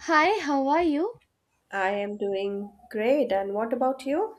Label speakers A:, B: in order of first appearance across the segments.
A: Hi, how are you?
B: I am doing great. And what about you?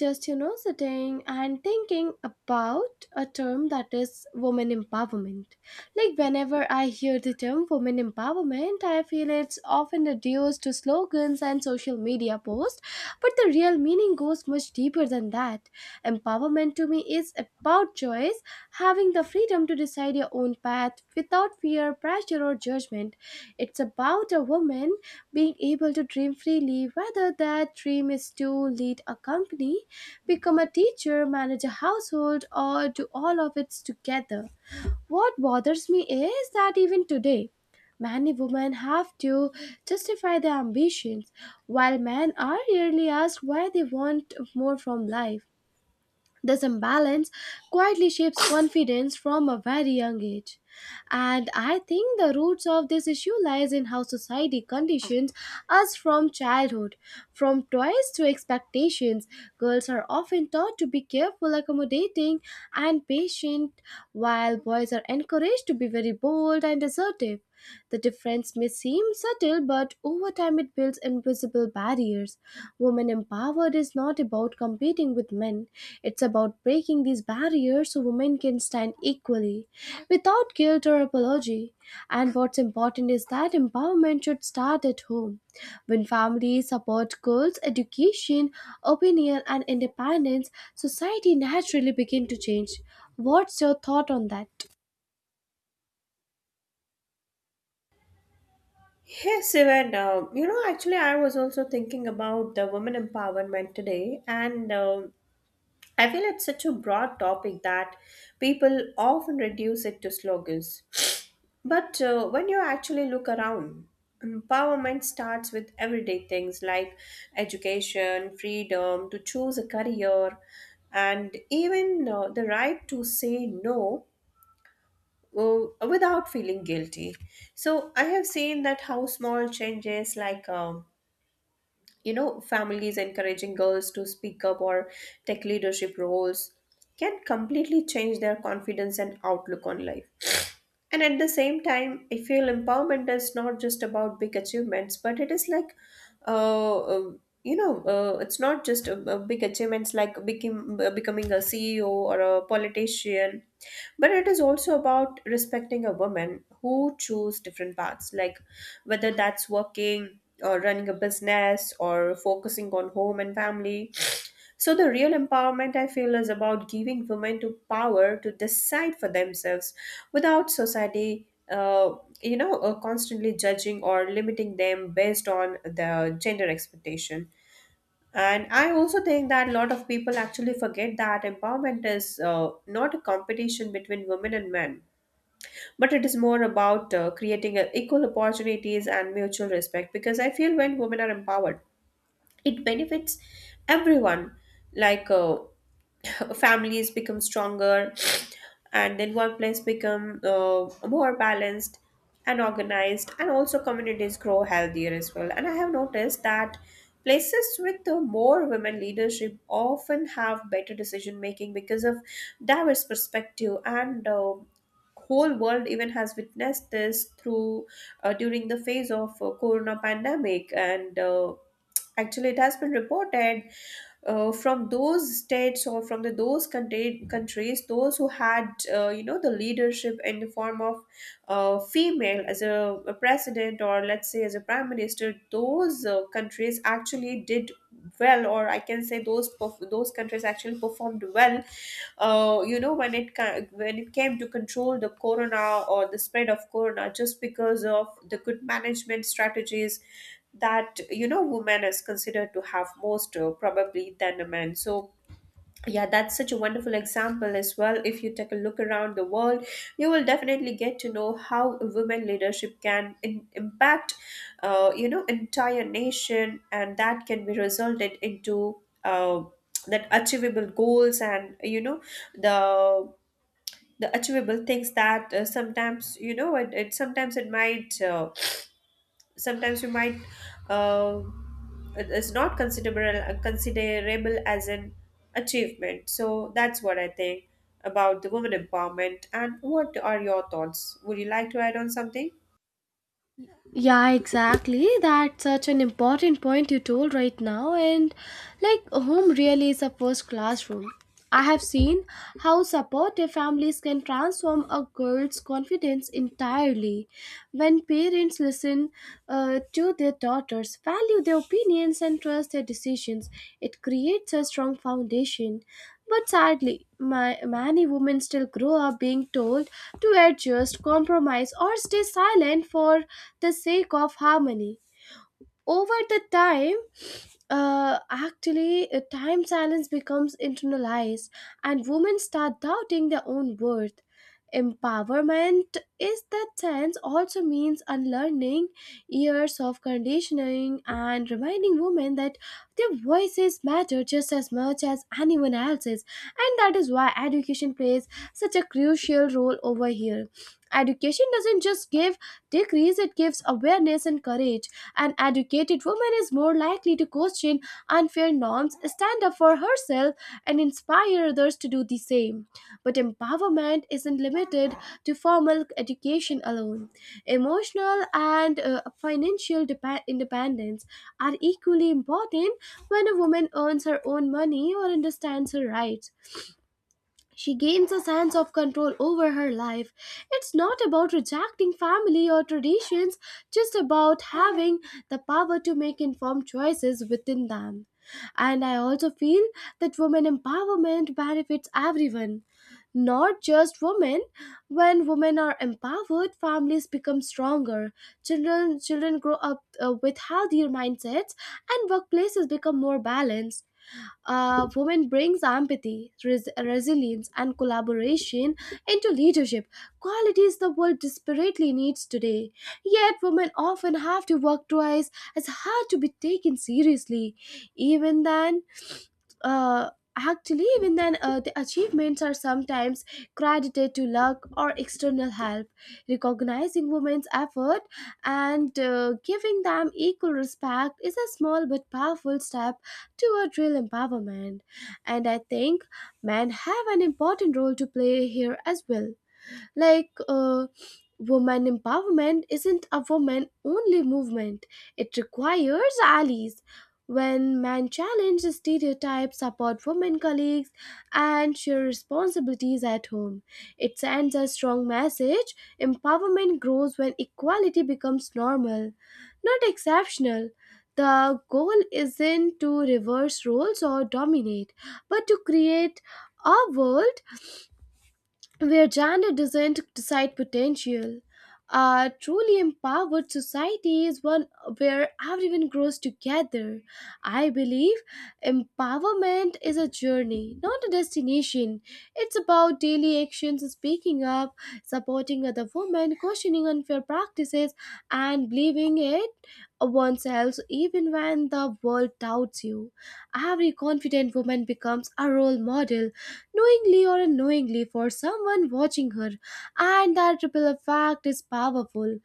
A: Just sitting and thinking about a term that is women empowerment. Like whenever I hear the term women empowerment, I feel it's often reduced to slogans and social media posts, but the real meaning goes much deeper than that. Empowerment to me is about choice, having the freedom to decide your own path without fear, pressure, or judgment. It's about a woman being able to dream freely, whether that dream is to lead a company, become a teacher, manage a household, or do all of it together. What bothers me is that even today, many women have to justify their ambitions, while men are rarely asked why they want more from life. This imbalance quietly shapes confidence from a very young age. And I think the roots of this issue lies in how society conditions us from childhood. From toys to expectations, girls are often taught to be careful, accommodating, and patient, while boys are encouraged to be very bold and assertive. The difference may seem subtle, but over time it builds invisible barriers. Women empowered is not about competing with men, it's about breaking these barriers so women can stand equally without guilt or apology. And what's important is that empowerment should start at home. When families support girls' education, opinion, and independence, society naturally begin to change. What's your thought on that?
B: Yes, Evan. Actually, I was also thinking about the women empowerment today, and I feel it's such a broad topic that people often reduce it to slogans. But when you actually look around, empowerment starts with everyday things like education, freedom to choose a career, and even the right to say no, well, without feeling guilty. So I have seen that how small changes, like families encouraging girls to speak up or take leadership roles, can completely change their confidence and outlook on life. And at the same time, I feel empowerment is not just about big achievements, but it is like, uh, uh, it's not just big achievements like becoming a CEO or a politician, but it is also about respecting a woman who choose different paths, like whether that's working or running a business or focusing on home and family. So, the real empowerment I feel is about giving women to power to decide for themselves without society constantly judging or limiting them based on the gender expectation. And I also think that a lot of people actually forget that empowerment is not a competition between women and men, but it is more about creating equal opportunities and mutual respect. Because I feel when women are empowered, it benefits everyone like families become stronger and then workplace become more balanced and organized, and also communities grow healthier as well. And I have noticed that places with the more women leadership often have better decision making because of diverse perspective. And whole world even has witnessed this through during the phase of corona pandemic. And actually it has been reported from those states or from the those countries those who had you know, the leadership in the form of female as a president, or let's say as a prime minister. Those countries actually did well, or I can say those those countries actually performed well you know, when when it came to control the corona or the spread of corona just because of the good management strategies that, you know, woman is considered to have most probably than a man. So yeah, that's such a wonderful example as well. If you take a look around the world, you will definitely get to know how women leadership can impact you know, entire nation, and that can be resulted into uh, that achievable goals, and you know, the the achievable things that sometimes, you know, it sometimes it might sometimes you might uh, it is not considerable as an achievement. So that's what I think about the women empowerment. And what are your thoughts? Would you like to add on something?
A: Yeah, exactly. That's such an important point you told right now. And like, home really is a first classroom. I have seen how supportive families can transform a girl's confidence entirely when parents listen to their daughters, value their opinions, and trust their decisions. It creates a strong foundation, but sadly, many women still grow up being told to adjust, compromise, or stay silent for the sake of harmony. Over the time, actually, time silence becomes internalized, and women start doubting their own worth. Empowerment is that sense also means unlearning years of conditioning and reminding women that their voices matter just as much as anyone else's, and that is why education plays such a crucial role over here. Education doesn't just give degrees, it gives awareness and courage. An educated woman is more likely to question unfair norms, stand up for herself, and inspire others to do the same. But empowerment isn't limited to formal education alone. Emotional and financial independence are equally important. When a woman earns her own money or understands her rights, she gains a sense of control over her life. It's not about rejecting family or traditions, just about having the power to make informed choices within them. And I also feel that women empowerment benefits everyone, not just women. When women are empowered, families become stronger. Children grow up with healthier mindsets, and workplaces become more balanced. Women brings empathy, resilience, and collaboration into leadership, qualities the world desperately needs today. Yet, women often have to work twice as hard to be taken seriously. Even then, uh, the achievements are sometimes credited to luck or external help. Recognizing women's effort and giving them equal respect is a small but powerful step toward real empowerment. And I think men have an important role to play here as well. Like woman empowerment isn't a woman only movement, it requires allies. When men challenge stereotypes, support women colleagues, and share responsibilities at home, it sends a strong message. Empowerment grows when equality becomes normal, not exceptional. The goal isn't to reverse roles or dominate, but to create a world where gender doesn't decide potential. A truly empowered society is one where everyone grows together. I believe empowerment is a journey, not a destination. It's about daily actions, speaking up, supporting other women, questioning unfair practices, and believing it oneself even when the world doubts you. Every confident woman becomes a role model, knowingly or unknowingly, for someone watching her, and that ripple effect is powerful.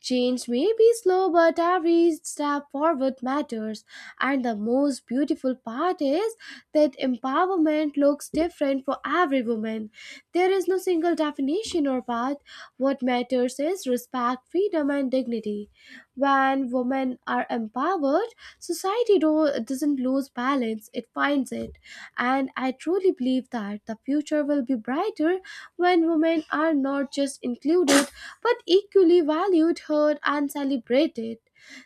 A: Change may be slow, but every step forward matters. And the most beautiful part is that empowerment looks different for every woman. There is no single definition or path. What matters is respect, freedom, and dignity. When women are empowered, society doesn't lose balance, it finds it. And I truly believe that the future will be brighter when women are not just included but equally valued, heard, and celebrated.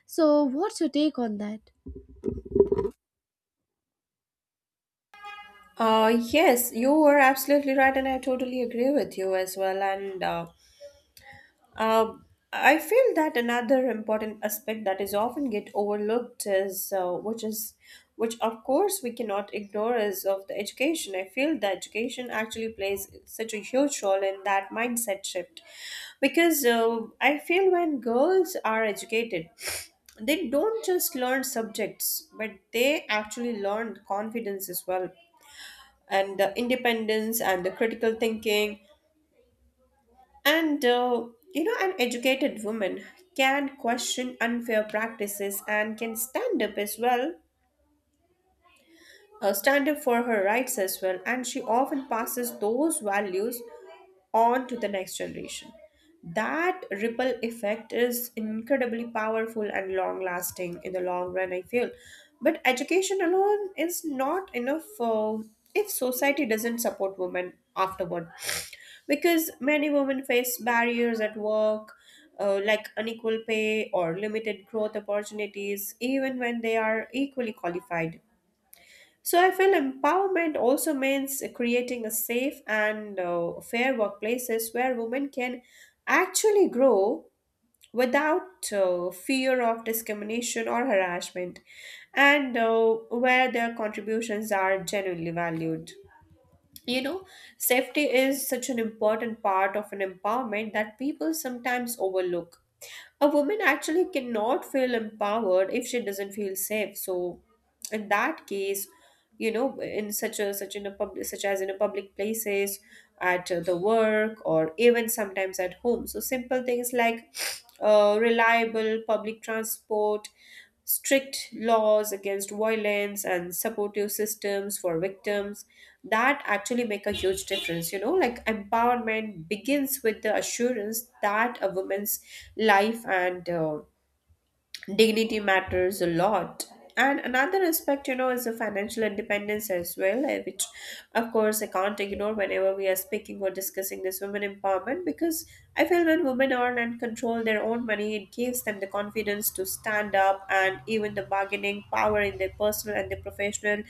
A: So, what's your take on that?
B: Yes, you were absolutely right, and I totally agree with you as well. And Uh, I feel that another important aspect that is often get overlooked is which, of course, we cannot ignore is of the education. I feel that education actually plays such a huge role in that mindset shift, because I feel when girls are educated, they don't just learn subjects, but they actually learn confidence as well, and the independence and the critical thinking. And you know, an educated woman can question unfair practices and can stand up as well, stand up for her rights as well, and she often passes those values on to the next generation. That ripple effect is incredibly powerful and long lasting in the long run, I feel. But education alone is not enough if society doesn't support women afterward. Because many women face barriers at work, like unequal pay or limited growth opportunities, even when they are equally qualified. So I feel empowerment also means creating a safe and fair workplaces where women can actually grow without fear of discrimination or harassment, and where their contributions are genuinely valued. You know, safety is such an important part of an empowerment that people sometimes overlook. A woman actually cannot feel empowered if she doesn't feel safe. So, in that case, you know, in such as in a public places, at the work, or even sometimes at home. So simple things like reliable public transport, strict laws against violence, and supportive systems for victims, that actually make a huge difference. You know, like empowerment begins with the assurance that a woman's life and dignity matters a lot. And another aspect, you know, is the financial independence as well, which, of course, I can't ignore whenever we are speaking or discussing this women empowerment. Because I feel when women earn and control their own money, it gives them the confidence to stand up and even the bargaining power in their personal and their professional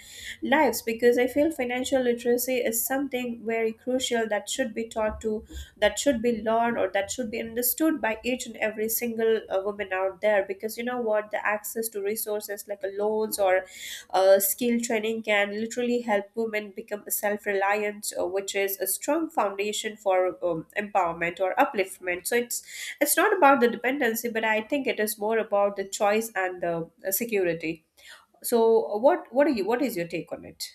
B: lives. Because I feel financial literacy is something very crucial that should be taught to, that should be learned, or that should be understood by each and every single woman out there. Because, you know what, the access to resources like loans or skill training can literally help women become self-reliant, which is a strong foundation for empowerment or upliftment. So it's not about the dependency, but I think it is more about the choice and the security. So what is your take on it?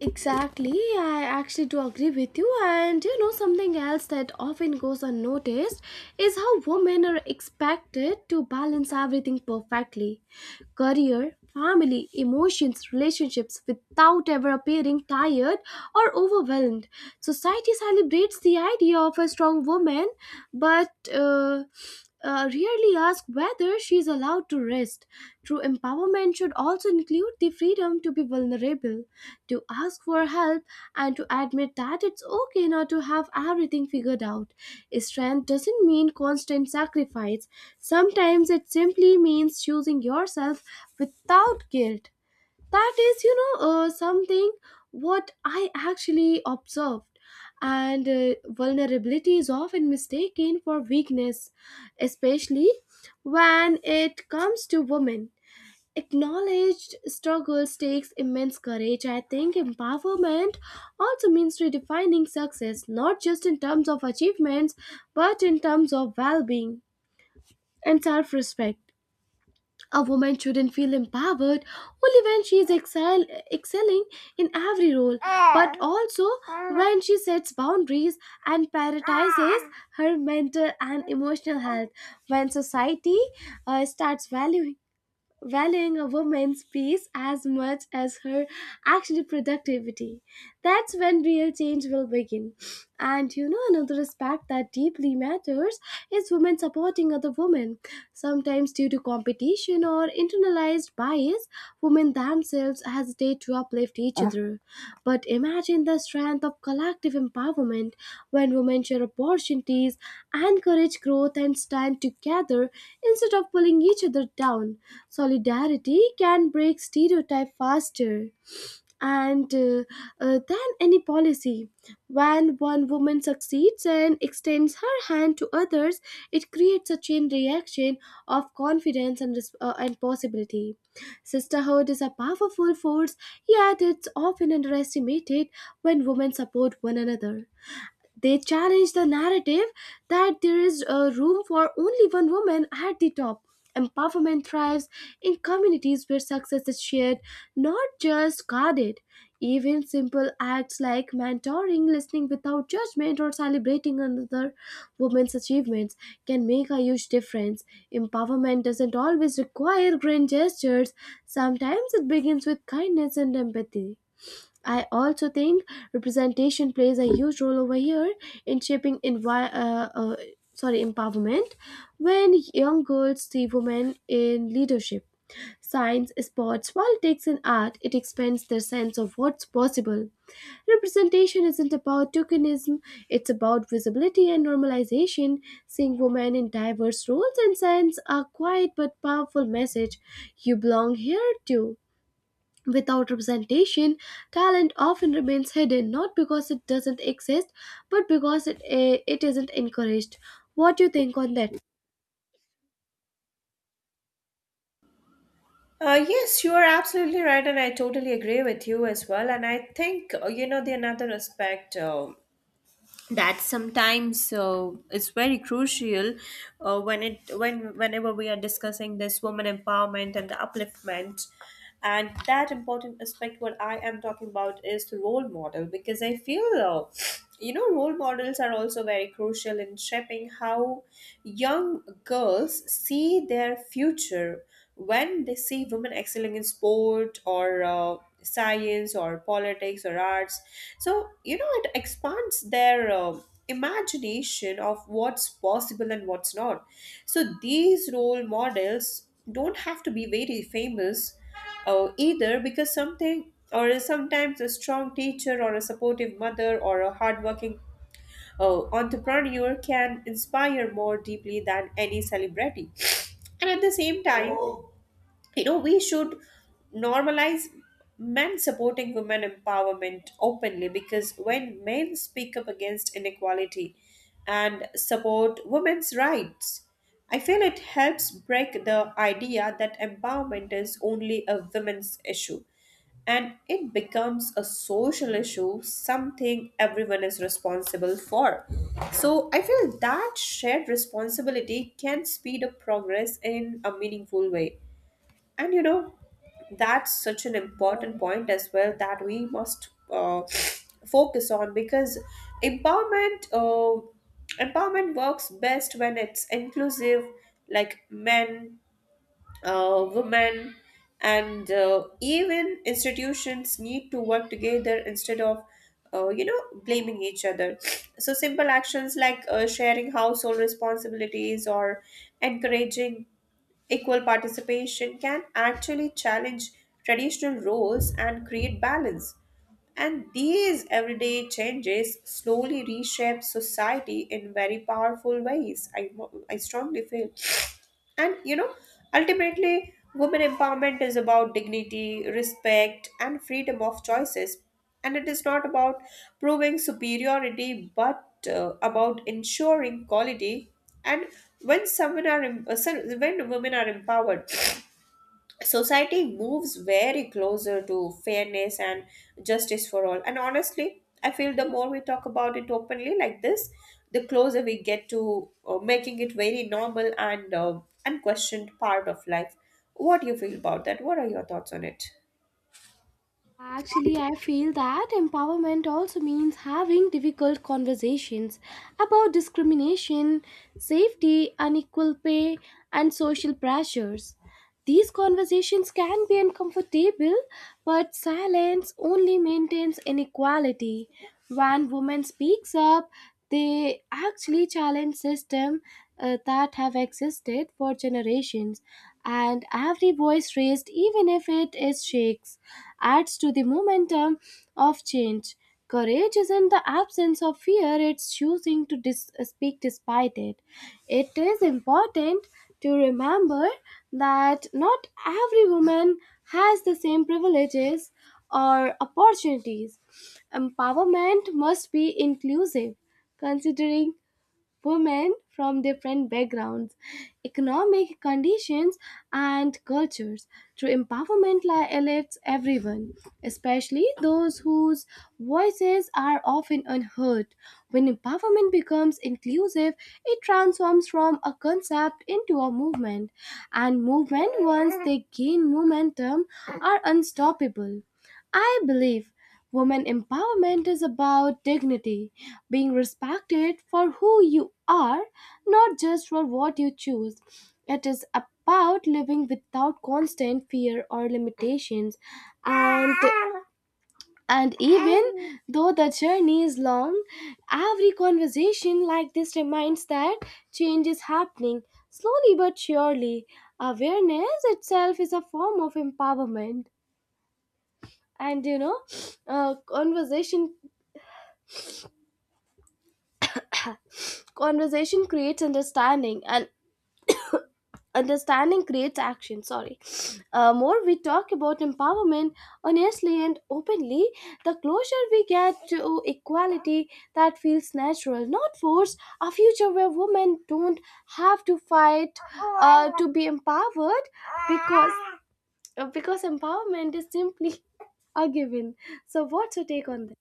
A: Exactly, I actually do agree with you. And you know, something else that often goes unnoticed is how women are expected to balance everything perfectly: career, family, emotions, relationships, without ever appearing tired or overwhelmed. Society celebrates the idea of a strong woman, but rarely ask whether she is allowed to rest. True empowerment should also include the freedom to be vulnerable, to ask for help, and to admit that it's okay not to have everything figured out. Strength doesn't mean constant sacrifice. Sometimes it simply means choosing yourself without guilt. That is, something what I actually observed. And vulnerability is often mistaken for weakness, especially when it comes to women. Acknowledged struggles takes immense courage. I think empowerment also means redefining success, not just in terms of achievements, but in terms of well being and self respect. A woman shouldn't feel empowered only when she is excelling in every role, but also when she sets boundaries and prioritizes her mental and emotional health. When society starts valuing a woman's peace as much as her actual productivity, that's when real change will begin. And you know, another aspect that deeply matters is women supporting other women. Sometimes, due to competition or internalized bias, women themselves hesitate to uplift each other. But imagine the strength of collective empowerment when women share opportunities, encourage growth, and stand together instead of pulling each other down. Solidarity can break stereotype faster and than any policy. When one woman succeeds and extends her hand to others, it creates a chain reaction of confidence and possibility. Sisterhood is a powerful force, yet it's often underestimated. When women support one another, they challenge the narrative that there is a room for only one woman at the top. Empowerment thrives in communities where success is shared, not just guarded. Even simple acts like mentoring, listening without judgment, or celebrating another woman's achievements can make a huge difference. Empowerment doesn't always require grand gestures, sometimes it begins with kindness and empathy. I also think representation plays a huge role over here in shaping envi- sorry empowerment. When young girls see women in leadership, science, sports, politics, and art, it expands their sense of what's possible. Representation isn't about tokenism; it's about visibility and normalization. Seeing women in diverse roles and science are quiet but powerful message. You belong here too. Without representation, talent often remains hidden, not because it doesn't exist, but because it isn't encouraged. What do you think on that?
B: Yes, you are absolutely right, and I totally agree with you as well. And I think you know, the another aspect that sometimes is very crucial when it when whenever we are discussing this woman empowerment and the upliftment, and that important aspect what I am talking about is the role model. Because I feel you know, role models are also very crucial in shaping how young girls see their future. When they see women excelling in sport or science or politics or arts, so you know, it expands their imagination of what's possible and what's not. So these role models don't have to be very famous either, because something or sometimes a strong teacher or a supportive mother or a hardworking entrepreneur can inspire more deeply than any celebrity. And at the same time, you know, we should normalize men supporting women empowerment openly, because when men speak up against inequality and support women's rights, I feel it helps break the idea that empowerment is only a women's issue, and it becomes a social issue, something everyone is responsible for. So I feel that shared responsibility can speed up progress in a meaningful way. And you know, that's such an important point as well that we must focus on. Because empowerment uh, empowerment works best when it's inclusive, like men, women, and even institutions need to work together instead of you know, blaming each other. So simple actions like sharing household responsibilities or encouraging equal participation can actually challenge traditional roles and create balance. And these everyday changes slowly reshape society in very powerful ways, I strongly feel. And you know, ultimately, women empowerment is about dignity, respect, and freedom of choices. And it is not about proving superiority, but about ensuring quality. And when someone are em- so- when women are empowered, society moves very closer to fairness and justice for all. And honestly, I feel the more we talk about it openly like this, the closer we get to making it very normal and unquestioned part of life. What do you feel about that? What are your thoughts on it?
A: Actually, I feel that empowerment also means having difficult conversations about discrimination, safety, unequal pay, and social pressures. These conversations can be uncomfortable, but silence only maintains inequality. When women speaks up, they actually challenge systems that have existed for generations, and every voice raised, even if it is shakes, adds to the momentum of change. Courage isn't the absence of fear, it's choosing to speak despite it. It is important to remember that not every woman has the same privileges or opportunities. Empowerment must be inclusive, considering women from different backgrounds, economic conditions, and cultures. Through empowerment lifts everyone, especially those whose voices are often unheard. When empowerment becomes inclusive, it transforms from a concept into a movement, and movement, once they gain momentum, are unstoppable. I believe women empowerment is about dignity, being respected for who you are, not just for what you choose. It is about living without constant fear or limitations, and and even though the journey is long, every conversation like this reminds that change is happening slowly but surely. Awareness itself is a form of empowerment. And you know, uh, conversation conversation creates understanding, and understanding creates action. Sorry uh, more we talk about empowerment honestly and openly, the closer we get to equality that feels natural, not forced, a future where women don't have to fight to be empowered, because because empowerment is simply a given. So what's your take on that?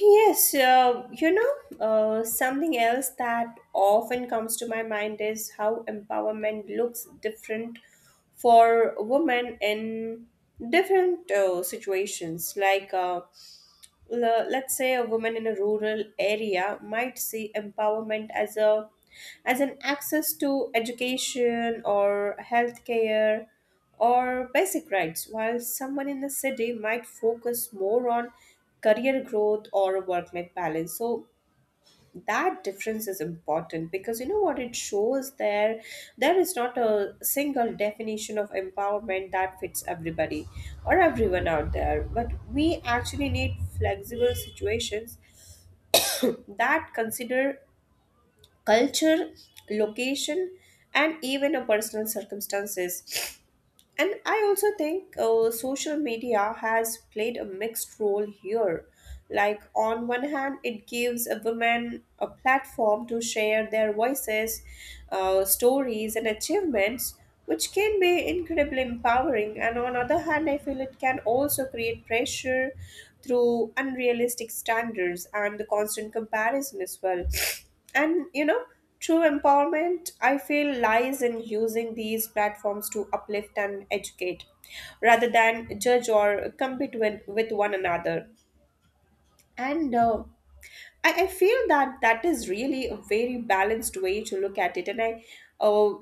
B: Yes, you know, something else that often comes to my mind is how empowerment looks different for women in different situations. Like, let's say a woman in a rural area might see empowerment as a as an access to education or healthcare or basic rights, while someone in the city might focus more on career growth or work life balance. So that difference is important, because you know what, it shows there, there is not a single definition of empowerment that fits everybody or everyone out there, but we actually need flexible situations that consider culture, location, and even a personal circumstances. And I also think social media has played a mixed role here. Like, on one hand, it gives a woman a platform to share their voices, stories, and achievements, which can be incredibly empowering. And on other hand, I feel it can also create pressure through unrealistic standards and the constant comparison as well. And you know, True empowerment, I feel, lies in using these platforms to uplift and educate rather than judge or compete with one another. And I feel that that is really a very balanced way to look at it. And I, uh,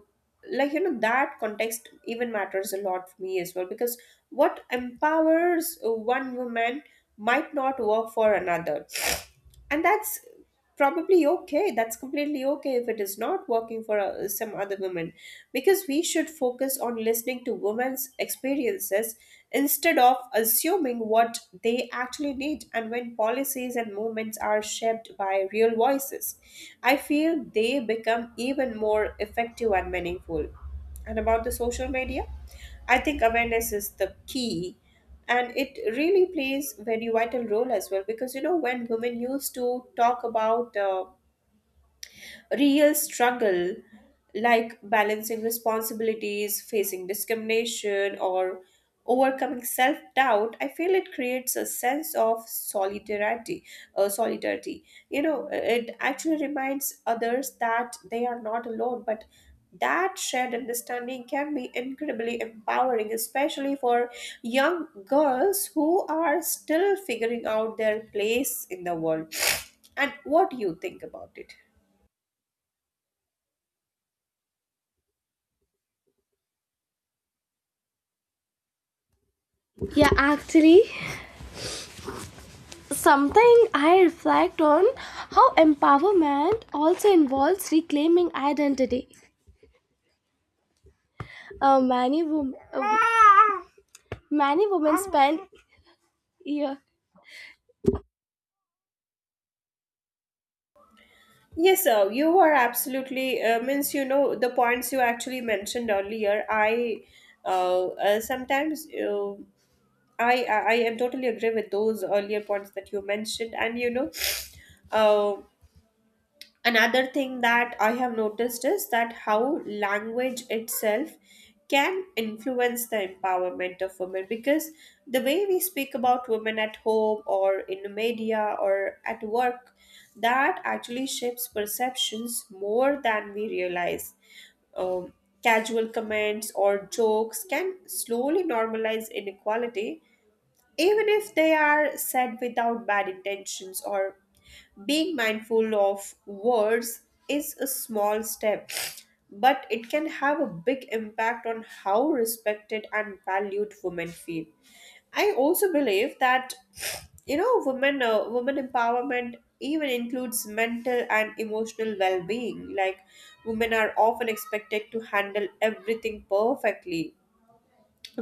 B: like, you know, That context even matters a lot for me as well, because what empowers one woman might not work for another, and that's completely okay if it is not working for some other women, because we should focus on listening to women's experiences instead of assuming what they actually need. And when policies and movements are shaped by real voices, I feel they become even more effective and meaningful. And about the social media, I think awareness is the key, and it really plays very vital role as well, because you know when women used to talk about real struggle, like balancing responsibilities, facing discrimination, or overcoming self-doubt, I feel it creates a sense of solidarity. You know, it actually reminds others that they are not alone, but that shared understanding can be incredibly empowering, especially for young girls who are still figuring out their place in the world. And what do you think about it?
A: Yeah, actually, something I reflect on how empowerment also involves reclaiming identity. Uh, many, women, many women spend yeah,
B: Yes, sir, you are absolutely, means, you know, the points you actually mentioned earlier, I sometimes I am totally agree with those earlier points that you mentioned. And, you know, um another thing that I have noticed is that how language itself can influence the empowerment of women, because the way we speak about women at home or in the media or at work, that actually shapes perceptions more than we realize. um, Casual comments or jokes can slowly normalize inequality, even if they are said without bad intentions. Or being mindful of words is a small step, but it can have a big impact on how respected and valued women feel. I also believe that, you know, women empowerment even includes mental and emotional well-being. Like, women are often expected to handle everything perfectly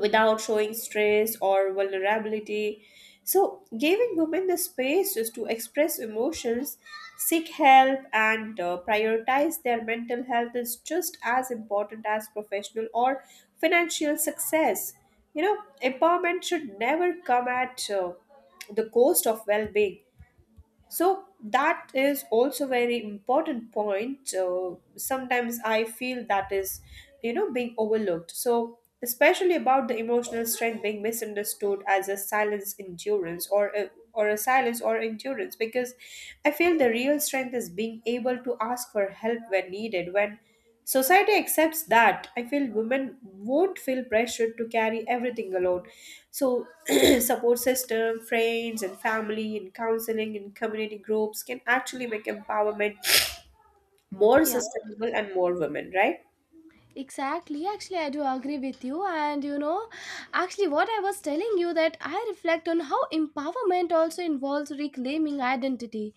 B: without showing stress or vulnerability. So, giving women the spaces to express emotions, seek help, and prioritize their mental health is just as important as professional or financial success. You know, empowerment should never come at the cost of well being. So that is also very important point. So sometimes I feel that is, you know, being overlooked, so especially about the emotional strength being misunderstood as a silence endurance, or a silence or endurance. Because I feel the real strength is being able to ask for help when needed. When society accepts that, I feel women won't feel pressured to carry everything alone. So, support system, friends, and family, and counseling, and community groups can actually make empowerment more
A: yeah.
B: sustainable and more women, right?
A: Exactly. Actually, I do agree with you. And you know, actually, what I was telling you that I reflect on how empowerment also involves reclaiming identity.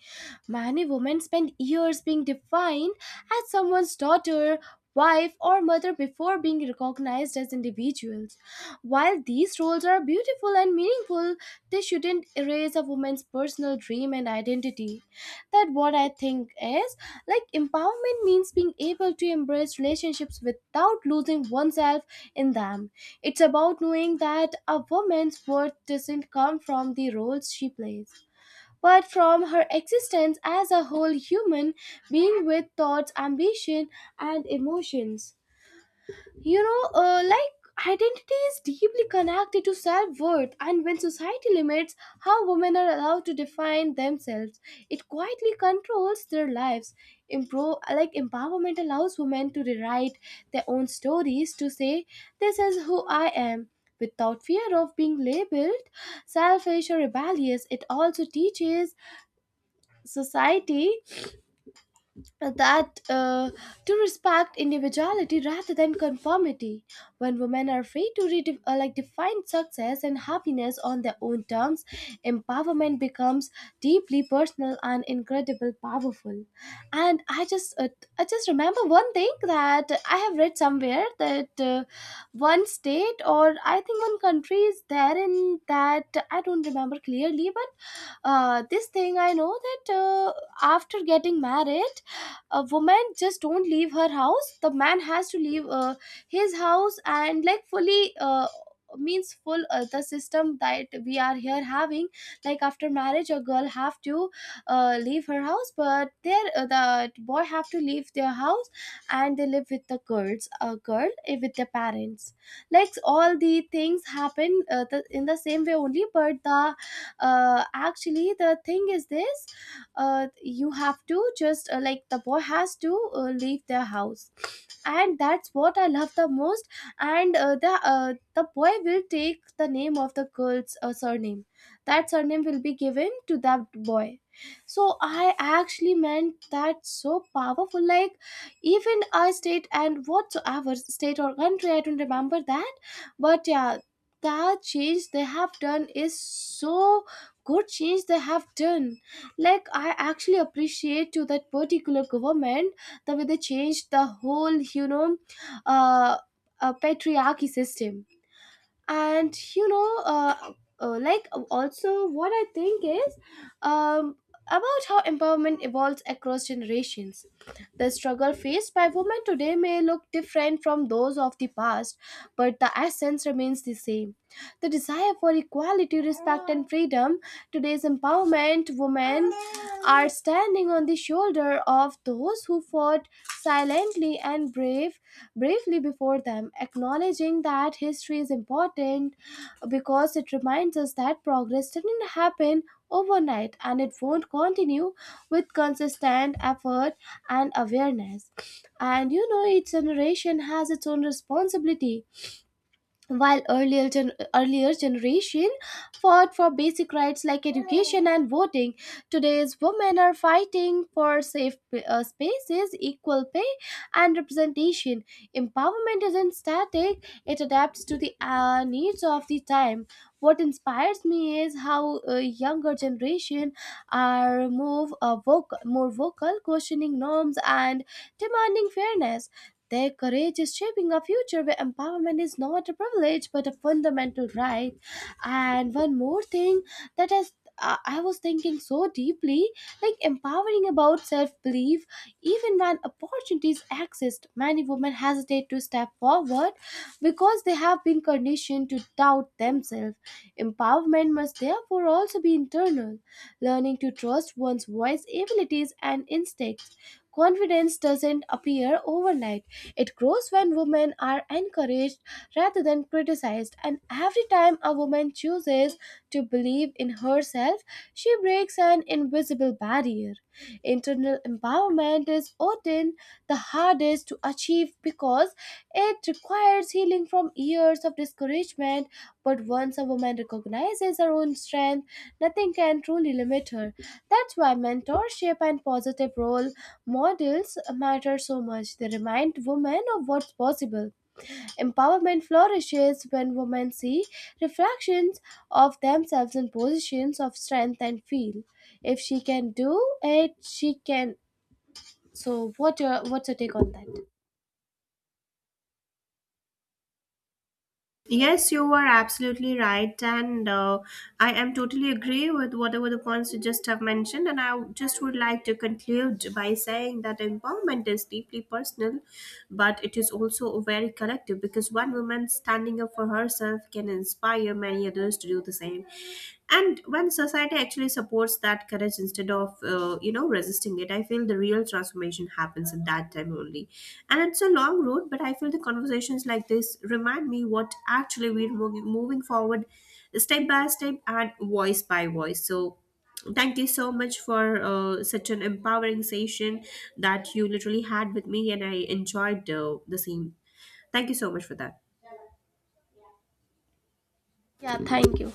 A: Many women spend years being defined as someone's daughter, wife, or mother before being recognized as individuals. While these roles are beautiful and meaningful, they shouldn't erase a woman's personal dream and identity. That what I think is like empowerment means being able to embrace relationships without losing oneself in them. It's about knowing that a woman's worth doesn't come from the roles she plays, but from her existence as a whole human being with thoughts, ambition, and emotions. You know, like identity is deeply connected to self worth, and when society limits how women are allowed to define themselves, it quietly controls their lives. Like empowerment allows women to rewrite their own stories to say, this is who I am, without fear of being labeled selfish or rebellious. It also teaches society that to respect individuality rather than conformity. When women are free to like define success and happiness on their own terms, empowerment becomes deeply personal and incredibly powerful. And I just remember one thing that I have read somewhere that one state, or I think one country is there, in that I don't remember clearly, but this thing I know, that after getting married, a woman just don't leave her house, the man has to leave his house, and like fully means full the system that we are here having, like after marriage a girl have to leave her house, but there the boy have to leave their house and they live with the girls, a girl with their parents, like all the things happen, in the same way only. But the actually the thing is this, you have to just like the boy has to leave their house. And that's what I love the most. And the boy will take the name of the girl's surname, that surname will be given to that boy. So I actually meant that so powerful, like even a state, and whatsoever state or country I don't remember that, but yeah, that change they have done is so good, change they have done. Like I actually appreciate to that particular government, the way they changed the whole, you know, uh, patriarchy system. And also what I think is um about how empowerment evolves across generations. The struggle faced by women today may look different from those of the past, but the essence remains the same: the desire for equality, respect, and freedom. Today's empowerment women are standing on the shoulder of those who fought silently and brave, bravely before them, acknowledging that history is important because it reminds us that progress didn't happen overnight, and it won't continue with consistent effort and awareness. And you know, each generation has its own responsibility. While earlier generation fought for basic rights like education and voting, today's women are fighting for safe spaces, equal pay, and representation. Empowerment isn't static, it adapts to the needs of the time. What inspires me is how younger generation are more vocal, questioning norms and demanding fairness. Their courage is shaping a future where empowerment is not a privilege but a fundamental right. And one more thing that has, I was thinking so deeply, like empowering about self-belief. Even when opportunities exist, many women hesitate to step forward because they have been conditioned to doubt themselves. Empowerment must therefore also be internal, learning to trust one's voice, abilities, and instincts. Confidence doesn't appear overnight, it grows when women are encouraged rather than criticized, and every time a woman chooses to believe in herself, she breaks an invisible barrier. Internal empowerment is often the hardest to achieve because it requires healing from years of discouragement. But once a woman recognizes her own strength, nothing can truly limit her. That's why mentorship and positive role models matter so much. They remind women of what's possible. Empowerment flourishes when women see reflections of themselves in positions of strength and feel, if she can do it, she can. So, what's your take on that?
B: Yes, you are absolutely right, and I am totally agree with whatever the points you just have mentioned. And I just would like to conclude by saying that empowerment is deeply personal, but it is also very collective, because one woman standing up for herself can inspire many others to do the same. And when society actually supports that courage instead of, uh, resisting it, I feel the real transformation happens at that time only. And it's a long road, but I feel the conversations like this remind me what actually we're moving forward, step by step and voice by voice. So thank you so much for such an empowering session that you literally had with me, and I enjoyed the same. Thank you so much for that.
A: Yeah, thank you.